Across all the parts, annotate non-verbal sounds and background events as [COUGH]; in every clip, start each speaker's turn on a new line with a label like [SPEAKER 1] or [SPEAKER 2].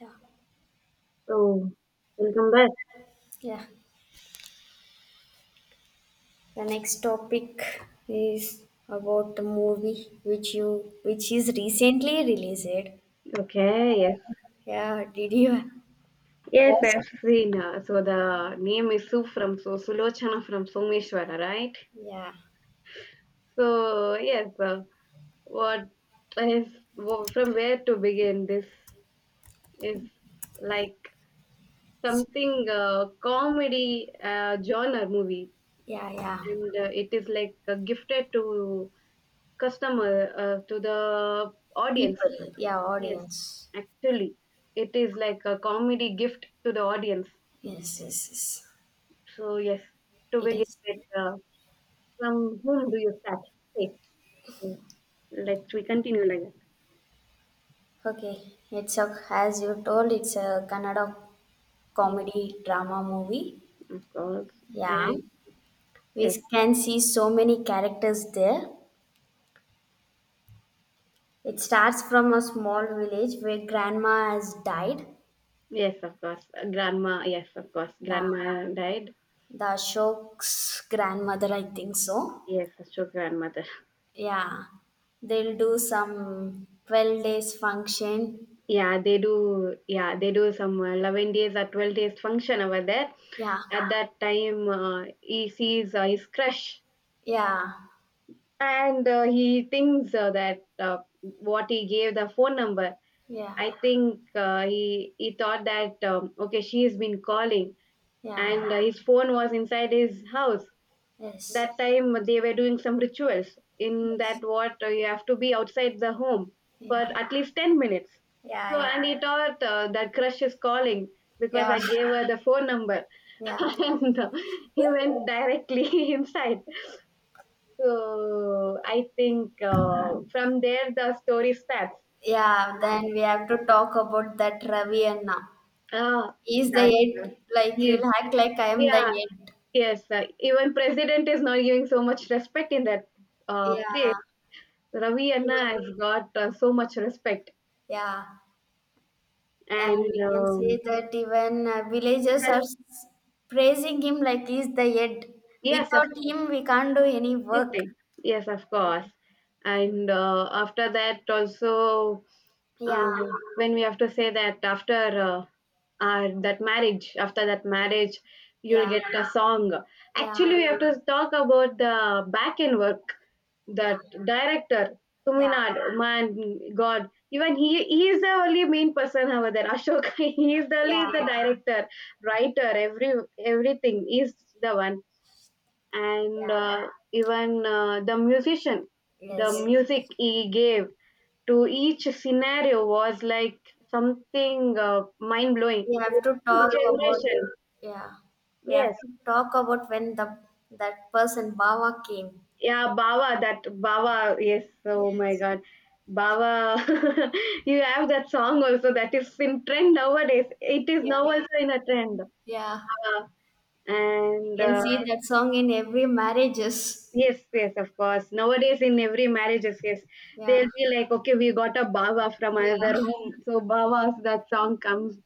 [SPEAKER 1] Yeah,
[SPEAKER 2] Oh, welcome back.
[SPEAKER 1] yeah. The next topic is about the movie which you which is recently released.
[SPEAKER 2] Okay, yes.
[SPEAKER 1] Yeah, did you
[SPEAKER 2] Yes,
[SPEAKER 1] watch?
[SPEAKER 2] I've seen. So the name is Sue from so Sulochana from Someshwara, right?
[SPEAKER 1] Yeah,
[SPEAKER 2] So yes, what is from where to begin? This is like something comedy genre movie,
[SPEAKER 1] yeah, yeah.
[SPEAKER 2] and it is like gifted to customer to the audience.
[SPEAKER 1] People, yeah,
[SPEAKER 2] Yes,
[SPEAKER 1] audience.
[SPEAKER 2] actually, it is like a comedy gift to the audience.
[SPEAKER 1] Yes, yes, yes.
[SPEAKER 2] So yes, to
[SPEAKER 1] It
[SPEAKER 2] begin
[SPEAKER 1] is
[SPEAKER 2] with, from whom do you start? Say, so let's we continue like that.
[SPEAKER 1] okay. It's a, as you told, it's a Kannada
[SPEAKER 2] Yes,
[SPEAKER 1] comedy drama movie.
[SPEAKER 2] of course.
[SPEAKER 1] Yeah,
[SPEAKER 2] And
[SPEAKER 1] we
[SPEAKER 2] yes,
[SPEAKER 1] can see so many characters there. It starts from a small village where grandma has died.
[SPEAKER 2] yes, of course. Grandma, yes, of course.
[SPEAKER 1] Yeah,
[SPEAKER 2] Grandma died.
[SPEAKER 1] the Ashok's grandmother, I think so.
[SPEAKER 2] Yes, that's true, grandmother.
[SPEAKER 1] Yeah, they'll do some 12 days function.
[SPEAKER 2] Yeah, they do. Yeah, they do some 11 days or 12 days function over there.
[SPEAKER 1] Yeah,
[SPEAKER 2] At that time, he sees his crush
[SPEAKER 1] yeah,
[SPEAKER 2] and he thinks that what he gave the phone number.
[SPEAKER 1] yeah,
[SPEAKER 2] I think he thought that okay, she has been calling,
[SPEAKER 1] yeah,
[SPEAKER 2] and his phone was inside his house.
[SPEAKER 1] yes,
[SPEAKER 2] That time they were doing some rituals. In that,
[SPEAKER 1] yes,
[SPEAKER 2] what you have to be outside the home for
[SPEAKER 1] yeah,
[SPEAKER 2] at least 10 minutes.
[SPEAKER 1] yeah,
[SPEAKER 2] So,
[SPEAKER 1] yeah,
[SPEAKER 2] and he thought that crush is calling because
[SPEAKER 1] yeah,
[SPEAKER 2] I gave her the phone number, [LAUGHS]
[SPEAKER 1] yeah.
[SPEAKER 2] and he went directly [LAUGHS] inside. So, I think from there the story starts.
[SPEAKER 1] Yeah, then we have to talk about that Ravi Anna.
[SPEAKER 2] Ah,
[SPEAKER 1] He's the
[SPEAKER 2] that
[SPEAKER 1] eight, like he'll
[SPEAKER 2] yes,
[SPEAKER 1] act like I am the
[SPEAKER 2] yeah,
[SPEAKER 1] eight.
[SPEAKER 2] yes, even president is not giving so much respect in that place.
[SPEAKER 1] Yeah,
[SPEAKER 2] Ravi
[SPEAKER 1] he
[SPEAKER 2] Anna
[SPEAKER 1] will-
[SPEAKER 2] has got so much respect,
[SPEAKER 1] yeah. And
[SPEAKER 2] and
[SPEAKER 1] we can say that even villagers
[SPEAKER 2] that,
[SPEAKER 1] are s- praising him like he's the head.
[SPEAKER 2] yes, of
[SPEAKER 1] Without
[SPEAKER 2] course,
[SPEAKER 1] him, we can't do any work.
[SPEAKER 2] anything. Yes, of
[SPEAKER 1] Yeah,
[SPEAKER 2] course. And after that, also,
[SPEAKER 1] yeah,
[SPEAKER 2] um, when we have to say that after that marriage, you'll
[SPEAKER 1] yeah,
[SPEAKER 2] get a song.
[SPEAKER 1] yeah,
[SPEAKER 2] Actually, we have to talk about the back end work
[SPEAKER 1] yeah,
[SPEAKER 2] that director
[SPEAKER 1] yeah,
[SPEAKER 2] Tuminad, man, God, even he is the only main person over there. Ashoka, [LAUGHS] he is the only
[SPEAKER 1] yeah,
[SPEAKER 2] the director, writer, everything is the one, and
[SPEAKER 1] yeah.
[SPEAKER 2] even the musician, the
[SPEAKER 1] Yes,
[SPEAKER 2] music he gave to each scenario was like something mind blowing.
[SPEAKER 1] we have to talk about.
[SPEAKER 2] Generation,
[SPEAKER 1] Yeah, we have
[SPEAKER 2] yes.
[SPEAKER 1] to talk about when the that person Baba came.
[SPEAKER 2] Yeah, Baba, that Baba, yes, oh my
[SPEAKER 1] Yes,
[SPEAKER 2] God. Baba, [LAUGHS] you have that song also that is in trend nowadays. It is
[SPEAKER 1] yeah,
[SPEAKER 2] now also in a trend.
[SPEAKER 1] yeah.
[SPEAKER 2] Baba.
[SPEAKER 1] We
[SPEAKER 2] And
[SPEAKER 1] can see that song in every marriages.
[SPEAKER 2] yes, yes, of course. Nowadays, in every marriages, yes,
[SPEAKER 1] Yeah,
[SPEAKER 2] they'll be like, okay, we got a Baba from another
[SPEAKER 1] yeah,
[SPEAKER 2] home. So, Baba's that song comes.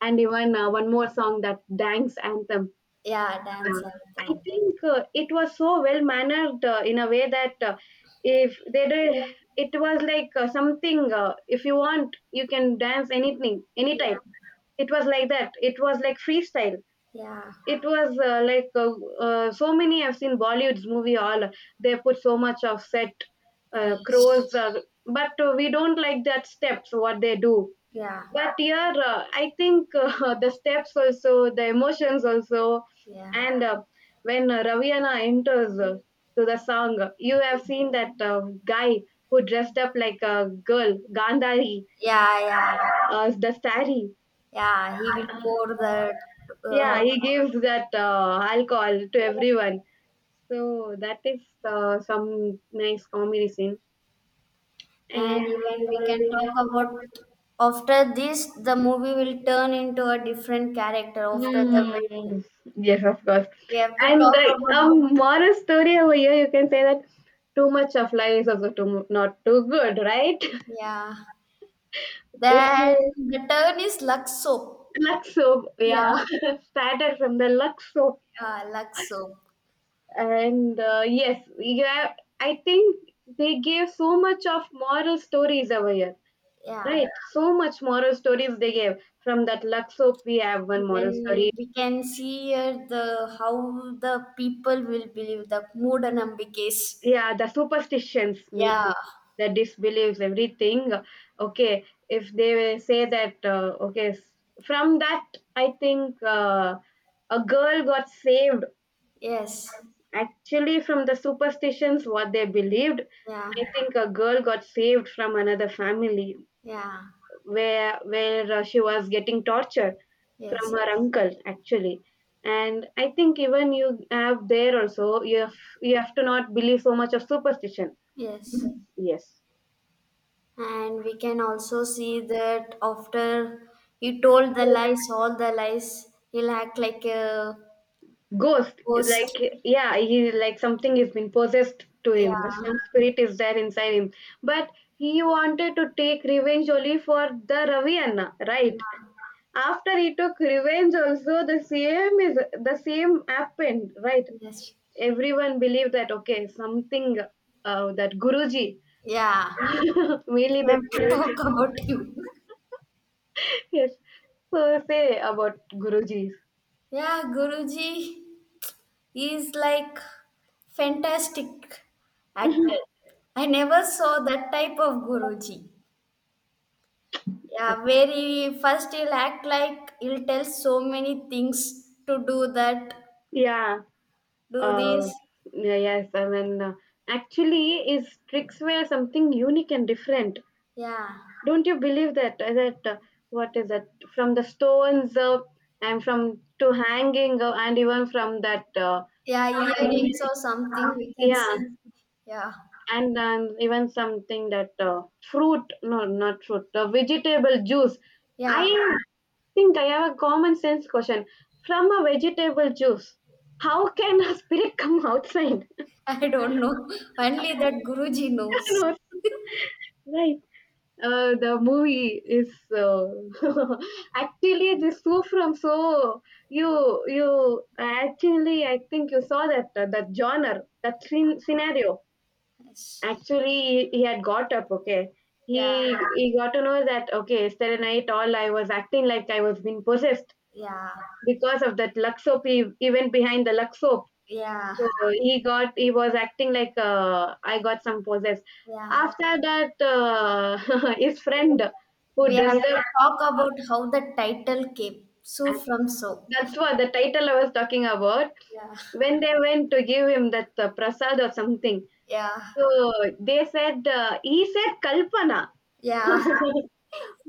[SPEAKER 2] And even one more song, that dance anthem.
[SPEAKER 1] yeah. Dance
[SPEAKER 2] I
[SPEAKER 1] anthem.
[SPEAKER 2] think it was so well mannered in a way that if they did, it was like something. If you want, you can dance anything, anytime.
[SPEAKER 1] Yeah,
[SPEAKER 2] It was like that. It was like freestyle.
[SPEAKER 1] yeah,
[SPEAKER 2] It was so many. I've seen Bollywood's movie. All they put so much of set
[SPEAKER 1] yes,
[SPEAKER 2] crows, but we don't like that steps. What they do
[SPEAKER 1] yeah,
[SPEAKER 2] but yeah, I think, [LAUGHS] the steps also, the emotions also,
[SPEAKER 1] yeah,
[SPEAKER 2] and when raviana enters to the song, you have seen that guy who dressed up like a girl, gandhari,
[SPEAKER 1] yeah, yeah,
[SPEAKER 2] the sari.
[SPEAKER 1] yeah. He will pour that
[SPEAKER 2] Yeah,
[SPEAKER 1] all,
[SPEAKER 2] he gives that alcohol to everyone, so that is some nice comedy scene.
[SPEAKER 1] and
[SPEAKER 2] And
[SPEAKER 1] even we can talk about, after this, the movie will turn into a different character after the
[SPEAKER 2] mm,
[SPEAKER 1] wedding.
[SPEAKER 2] yes, of course.
[SPEAKER 1] We have to
[SPEAKER 2] And
[SPEAKER 1] talk
[SPEAKER 2] like a
[SPEAKER 1] about,
[SPEAKER 2] moral story over here, you can say that too much of life is also too not too good, right? [LAUGHS]
[SPEAKER 1] yeah.
[SPEAKER 2] If
[SPEAKER 1] Then
[SPEAKER 2] you
[SPEAKER 1] the turn is Luxo.
[SPEAKER 2] luck soap,
[SPEAKER 1] Yeah,
[SPEAKER 2] yeah,
[SPEAKER 1] [LAUGHS]
[SPEAKER 2] [LAUGHS] started from the luck soap,
[SPEAKER 1] yeah, Luxo.
[SPEAKER 2] and yes, yeah, I think they gave so much of moral stories over here,
[SPEAKER 1] Yeah,
[SPEAKER 2] right? So much moral stories they gave from that luck soap. We have one moral
[SPEAKER 1] when
[SPEAKER 2] story.
[SPEAKER 1] we can see here the how the people will believe the moodanambikes.
[SPEAKER 2] Yeah, the superstitions mean
[SPEAKER 1] Yeah,
[SPEAKER 2] the disbeliefs, everything. Okay, if they say that, okay, from that, I think a girl got saved
[SPEAKER 1] yes,
[SPEAKER 2] actually from the superstitions, what they believed.
[SPEAKER 1] yeah,
[SPEAKER 2] I think a girl got saved from another family
[SPEAKER 1] yeah,
[SPEAKER 2] where she was getting tortured from
[SPEAKER 1] yes,
[SPEAKER 2] her uncle actually, and I think even you have there also you have to not believe so much of superstition.
[SPEAKER 1] yes.
[SPEAKER 2] Yes.
[SPEAKER 1] And we can also see that after he told the lies, all the lies, he'll act like a
[SPEAKER 2] Ghost, is like
[SPEAKER 1] ghost.
[SPEAKER 2] yeah, he like something has been possessed to him.
[SPEAKER 1] Yeah,
[SPEAKER 2] Some spirit is there inside him. But he wanted to take revenge only for the Ravi Anna, right?
[SPEAKER 1] yeah,
[SPEAKER 2] After he took revenge, also the same happened, right?
[SPEAKER 1] yes,
[SPEAKER 2] Everyone believed that okay, something that Guruji,
[SPEAKER 1] yeah.
[SPEAKER 2] [LAUGHS] mainly
[SPEAKER 1] [LAUGHS] We
[SPEAKER 2] that
[SPEAKER 1] have to talk
[SPEAKER 2] Guruji.
[SPEAKER 1] about him.
[SPEAKER 2] Yes. So say about Guruji.
[SPEAKER 1] Yeah, guruji. He's like fantastic actor. I never saw that type of Guruji. Yeah, where he first he'll act like, he'll tell so many things to do that,
[SPEAKER 2] Yeah.
[SPEAKER 1] do
[SPEAKER 2] Uh,
[SPEAKER 1] this.
[SPEAKER 2] yeah, yes, I mean, actually, is tricks were something unique and different.
[SPEAKER 1] Yeah.
[SPEAKER 2] Don't you believe that? That what is that? From the stones, and from to hanging, and even from that.
[SPEAKER 1] Yeah, earrings or something we can
[SPEAKER 2] Yeah,
[SPEAKER 1] see. Yeah.
[SPEAKER 2] and even something that fruit, no, not fruit, vegetable juice.
[SPEAKER 1] Yeah.
[SPEAKER 2] I think I have a common sense question. From a vegetable juice, how can a spirit [LAUGHS] come outside?
[SPEAKER 1] [LAUGHS] I don't know. [LAUGHS] Only that Guruji
[SPEAKER 2] [LAUGHS]
[SPEAKER 1] knows.
[SPEAKER 2] No, right. The movie is uh, [LAUGHS] actually this two from so, you you actually I think you saw that that genre, that scenario.
[SPEAKER 1] Yes.
[SPEAKER 2] Actually he had got up, okay,
[SPEAKER 1] Yeah.
[SPEAKER 2] he got to know that okay, yesterday night all I was acting like I was being possessed
[SPEAKER 1] Yeah.
[SPEAKER 2] because of that Luxo. Event behind the Luxo.
[SPEAKER 1] Yeah.
[SPEAKER 2] So he was acting like I got some possessed.
[SPEAKER 1] Yeah.
[SPEAKER 2] After that, [LAUGHS] his friend who
[SPEAKER 1] We have
[SPEAKER 2] dressed
[SPEAKER 1] to
[SPEAKER 2] up.
[SPEAKER 1] talk about how the title came. So from so.
[SPEAKER 2] That's what the title I was talking about.
[SPEAKER 1] Yeah.
[SPEAKER 2] When they went to give him that prasad or something,
[SPEAKER 1] Yeah.
[SPEAKER 2] so they said he said Kalpana, [LAUGHS]
[SPEAKER 1] Yeah.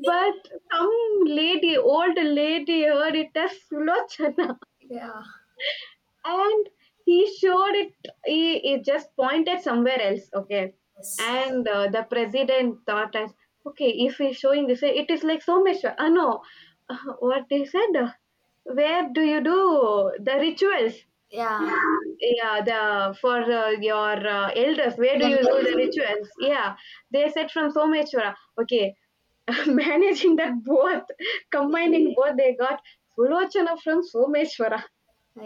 [SPEAKER 2] but some lady, old lady, heard it as Sulochana.
[SPEAKER 1] Yeah.
[SPEAKER 2] And he showed it he just pointed somewhere else, okay,
[SPEAKER 1] Yes.
[SPEAKER 2] and the president thought as okay, if he's showing this way, it is like so much, no what they said, where do you do the rituals,
[SPEAKER 1] Yeah.
[SPEAKER 2] yeah, the for your elders, where do you do
[SPEAKER 1] Elders.
[SPEAKER 2] the rituals, yeah. They said from someshwara, okay, [LAUGHS] managing that both,
[SPEAKER 1] Yeah.
[SPEAKER 2] combining both they got sulochana from someshwara.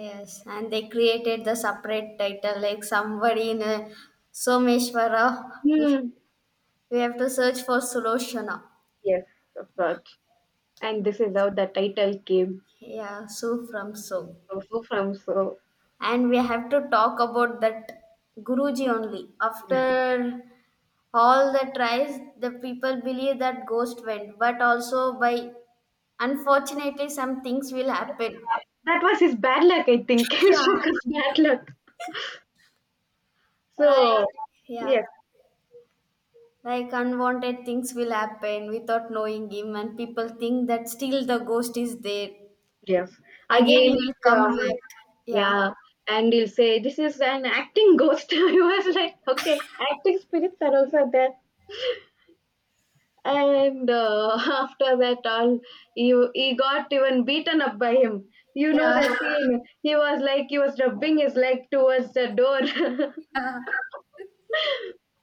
[SPEAKER 1] Yes. And they created the separate title like somebody in a Someshwara. We
[SPEAKER 2] Hmm.
[SPEAKER 1] we have to search for Suloshana.
[SPEAKER 2] Yes, of course. And this is how the title came,
[SPEAKER 1] Yeah. So from so.
[SPEAKER 2] also from. So,
[SPEAKER 1] And we have to talk about that guruji. Only after all the tries the people believe that ghost went, but also, by unfortunately, some things will happen.
[SPEAKER 2] that was his bad luck, I think. [LAUGHS]
[SPEAKER 1] [LAUGHS] Yeah,
[SPEAKER 2] Shoka's bad luck. So
[SPEAKER 1] like, yeah,
[SPEAKER 2] yes,
[SPEAKER 1] like unwanted things will happen without knowing him and people think that still the ghost is there,
[SPEAKER 2] yes.
[SPEAKER 1] again he
[SPEAKER 2] Again,
[SPEAKER 1] will
[SPEAKER 2] it,
[SPEAKER 1] come back. Yeah,
[SPEAKER 2] yeah. And he'll say, "This is an acting ghost." [LAUGHS] I was like, "Okay, acting spirits are also there." And [LAUGHS] after that, all he got even beaten up by him. You know
[SPEAKER 1] yeah.
[SPEAKER 2] the
[SPEAKER 1] [LAUGHS]
[SPEAKER 2] scene. He was like he was rubbing his leg towards the door. [LAUGHS]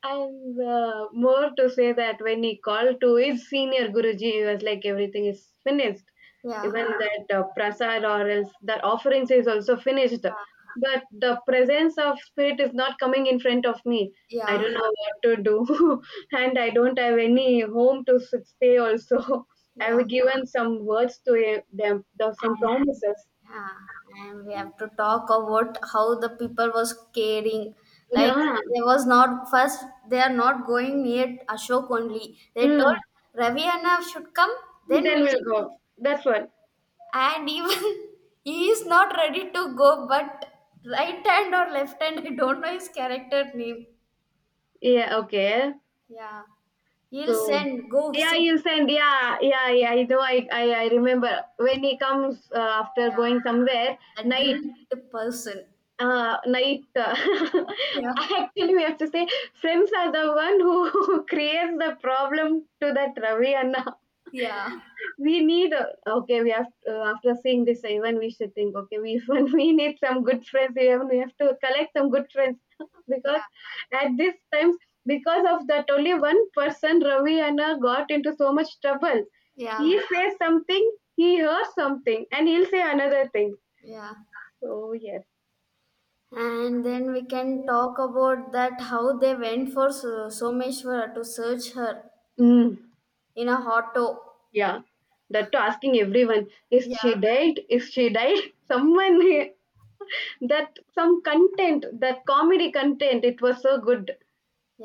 [SPEAKER 2] And more to say that when he called to his senior Guruji, he was like, everything is finished.
[SPEAKER 1] Yeah,
[SPEAKER 2] Even that prasad or else that offerings is also finished. But the presence of spirit is not coming in front of me. I
[SPEAKER 1] yeah,
[SPEAKER 2] don't know what to do. [LAUGHS] And I don't have any home to stay also. [LAUGHS] I
[SPEAKER 1] yeah,
[SPEAKER 2] have given some words to them, the, some promises.
[SPEAKER 1] yeah. Yeah, and we have to talk about how the people was caring. Like,
[SPEAKER 2] Yeah.
[SPEAKER 1] they was not, first they are not going near Ashok only. They
[SPEAKER 2] Mm.
[SPEAKER 1] told Ravi Anna should come, then
[SPEAKER 2] Then
[SPEAKER 1] we'll.
[SPEAKER 2] we'll go. That's what.
[SPEAKER 1] And even [LAUGHS] he is not ready to go, but right hand or left hand, I don't know his character name.
[SPEAKER 2] Yeah, okay.
[SPEAKER 1] Yeah. He'll
[SPEAKER 2] So
[SPEAKER 1] send, go
[SPEAKER 2] yeah,
[SPEAKER 1] sit.
[SPEAKER 2] you send. Yeah, yeah, yeah. I know. I remember when he comes after
[SPEAKER 1] Yeah.
[SPEAKER 2] going somewhere
[SPEAKER 1] A
[SPEAKER 2] night.
[SPEAKER 1] drink the person.
[SPEAKER 2] Uh, night. Uh,
[SPEAKER 1] Yeah.
[SPEAKER 2] [LAUGHS] actually, we have to say friends are the one who [LAUGHS] creates the problem to that Ravi. And
[SPEAKER 1] Yeah.
[SPEAKER 2] we need, okay, we have, after seeing this, even we should think okay, we even [LAUGHS] we need some good friends, even we have to collect some good friends [LAUGHS] because
[SPEAKER 1] Yeah.
[SPEAKER 2] at this times, because of that only one person Ravi and I got into so much trouble.
[SPEAKER 1] Yeah.
[SPEAKER 2] He says something, he hears something, and he'll say another thing.
[SPEAKER 1] Yeah.
[SPEAKER 2] So yes.
[SPEAKER 1] And then we can talk about that how they went for So- Someshwara to search her
[SPEAKER 2] Mm,
[SPEAKER 1] in a auto.
[SPEAKER 2] yeah, that to asking everyone, is she
[SPEAKER 1] Yeah,
[SPEAKER 2] dead, is she dead, [LAUGHS] someone. [LAUGHS] That some content, that comedy content, it was so good.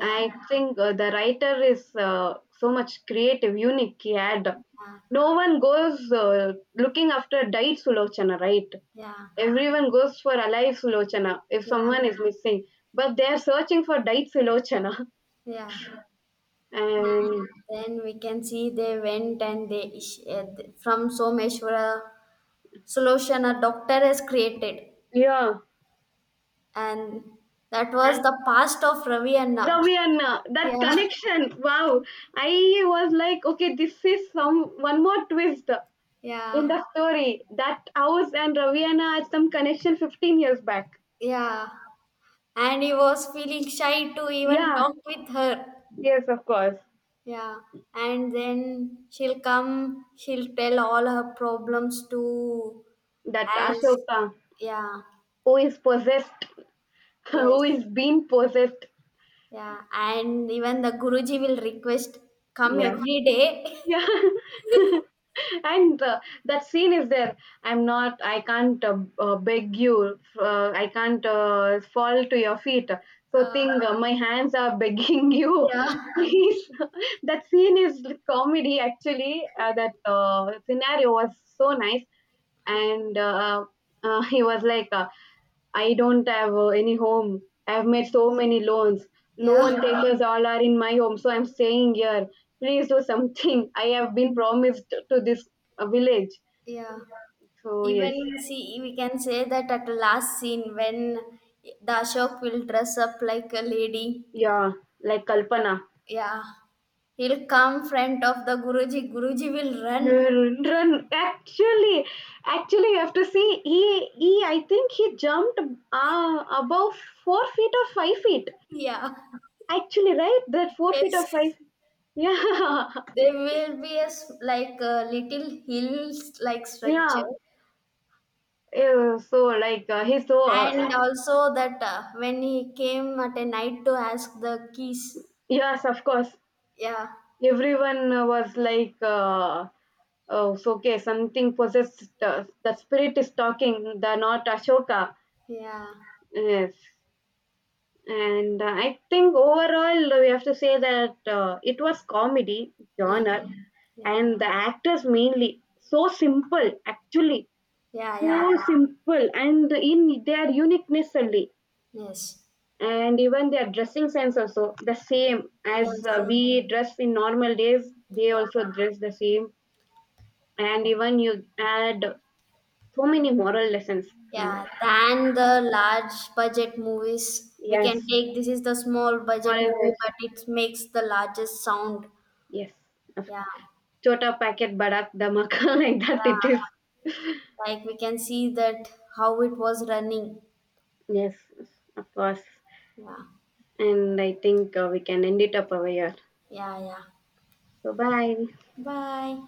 [SPEAKER 2] I think the writer is so much creative, unique. He had
[SPEAKER 1] yeah,
[SPEAKER 2] no one goes looking after died Sulochana, right?
[SPEAKER 1] yeah,
[SPEAKER 2] Everyone goes for alive Sulochana if
[SPEAKER 1] yeah,
[SPEAKER 2] someone is missing, but they are searching for died Sulochana. [LAUGHS]
[SPEAKER 1] yeah.
[SPEAKER 2] And
[SPEAKER 1] And then we can see they went and they, uh, from Someshwara solution a doctor has created,
[SPEAKER 2] yeah,
[SPEAKER 1] and that was
[SPEAKER 2] and
[SPEAKER 1] the past of Ravi Anna.
[SPEAKER 2] Ravianna,
[SPEAKER 1] [LAUGHS]
[SPEAKER 2] that
[SPEAKER 1] Yeah,
[SPEAKER 2] connection, wow! I was like, okay, this is some one more twist in
[SPEAKER 1] yeah,
[SPEAKER 2] the story. That house and Ravianna had some connection 15 years back.
[SPEAKER 1] yeah. And he was feeling shy to even
[SPEAKER 2] Yeah,
[SPEAKER 1] talk with her.
[SPEAKER 2] yes, of course.
[SPEAKER 1] Yeah, and then she'll come, she'll tell all her problems to
[SPEAKER 2] That
[SPEAKER 1] as,
[SPEAKER 2] Ashoka
[SPEAKER 1] yeah,
[SPEAKER 2] who is possessed, [LAUGHS] who
[SPEAKER 1] yes,
[SPEAKER 2] is being possessed.
[SPEAKER 1] yeah, and even the Guruji will request, come
[SPEAKER 2] Yeah.
[SPEAKER 1] every day. [LAUGHS]
[SPEAKER 2] Yeah. [LAUGHS] and that scene is there. I'm not, I can't beg you, I can't fall to your feet. So,
[SPEAKER 1] Uh,
[SPEAKER 2] thing, my hands are begging you.
[SPEAKER 1] yeah,
[SPEAKER 2] [LAUGHS] Please. That scene is comedy, actually. That scenario was so nice.
[SPEAKER 1] yeah,
[SPEAKER 2] And [LAUGHS] he was like, I don't have any home, I have made so many loans,
[SPEAKER 1] yeah,
[SPEAKER 2] loan takers, [LAUGHS] all are in my home so I'm staying here, please do something. [LAUGHS] I have been promised to this village.
[SPEAKER 1] yeah.
[SPEAKER 2] So yes.
[SPEAKER 1] Even see, we can say that at the last scene, when the Ashok will dress up like a lady.
[SPEAKER 2] Yeah, like Kalpana.
[SPEAKER 1] Yeah, he'll come front of the Guruji. Guruji will run.
[SPEAKER 2] Run. Actually, you have to see, he I think he jumped above 4 feet or 5 feet,
[SPEAKER 1] [LAUGHS] Yeah.
[SPEAKER 2] actually, right, that 4 feet or
[SPEAKER 1] Yes.
[SPEAKER 2] five, yeah.
[SPEAKER 1] There will be a s- like a little hills like
[SPEAKER 2] [LAUGHS]
[SPEAKER 1] structure,
[SPEAKER 2] Yeah. Yeah, so like he's so
[SPEAKER 1] and also that, when he came at a night to ask the keys.
[SPEAKER 2] yes, of course.
[SPEAKER 1] Yeah,
[SPEAKER 2] Everyone was like, "Oh, so okay, something possessed. The spirit is talking. The not Ashoka."
[SPEAKER 1] yeah,
[SPEAKER 2] Yes, and I think overall, we have to say that it was comedy
[SPEAKER 1] yeah,
[SPEAKER 2] genre,
[SPEAKER 1] yeah,
[SPEAKER 2] and the actors mainly so simple, actually,
[SPEAKER 1] yeah, yeah.
[SPEAKER 2] so simple, and in their uniqueness only,
[SPEAKER 1] Yes,
[SPEAKER 2] and even their dressing sense also the same as
[SPEAKER 1] yes,
[SPEAKER 2] we dress in normal days they
[SPEAKER 1] yeah,
[SPEAKER 2] also dress the same, and even you add so many moral lessons from that,
[SPEAKER 1] yeah. Than the large budget movies, we can
[SPEAKER 2] yes,
[SPEAKER 1] take this is the small budget
[SPEAKER 2] moral lessons.
[SPEAKER 1] movie, but it makes the largest sound.
[SPEAKER 2] Yes, of
[SPEAKER 1] Yeah,
[SPEAKER 2] course. Chota packet badak damak. [LAUGHS] Like that it is,
[SPEAKER 1] yeah. Like we can see that how it was running.
[SPEAKER 2] yes, of course.
[SPEAKER 1] Yeah.
[SPEAKER 2] And I think we can end it up over here.
[SPEAKER 1] Yeah, yeah.
[SPEAKER 2] So, bye.
[SPEAKER 1] Bye.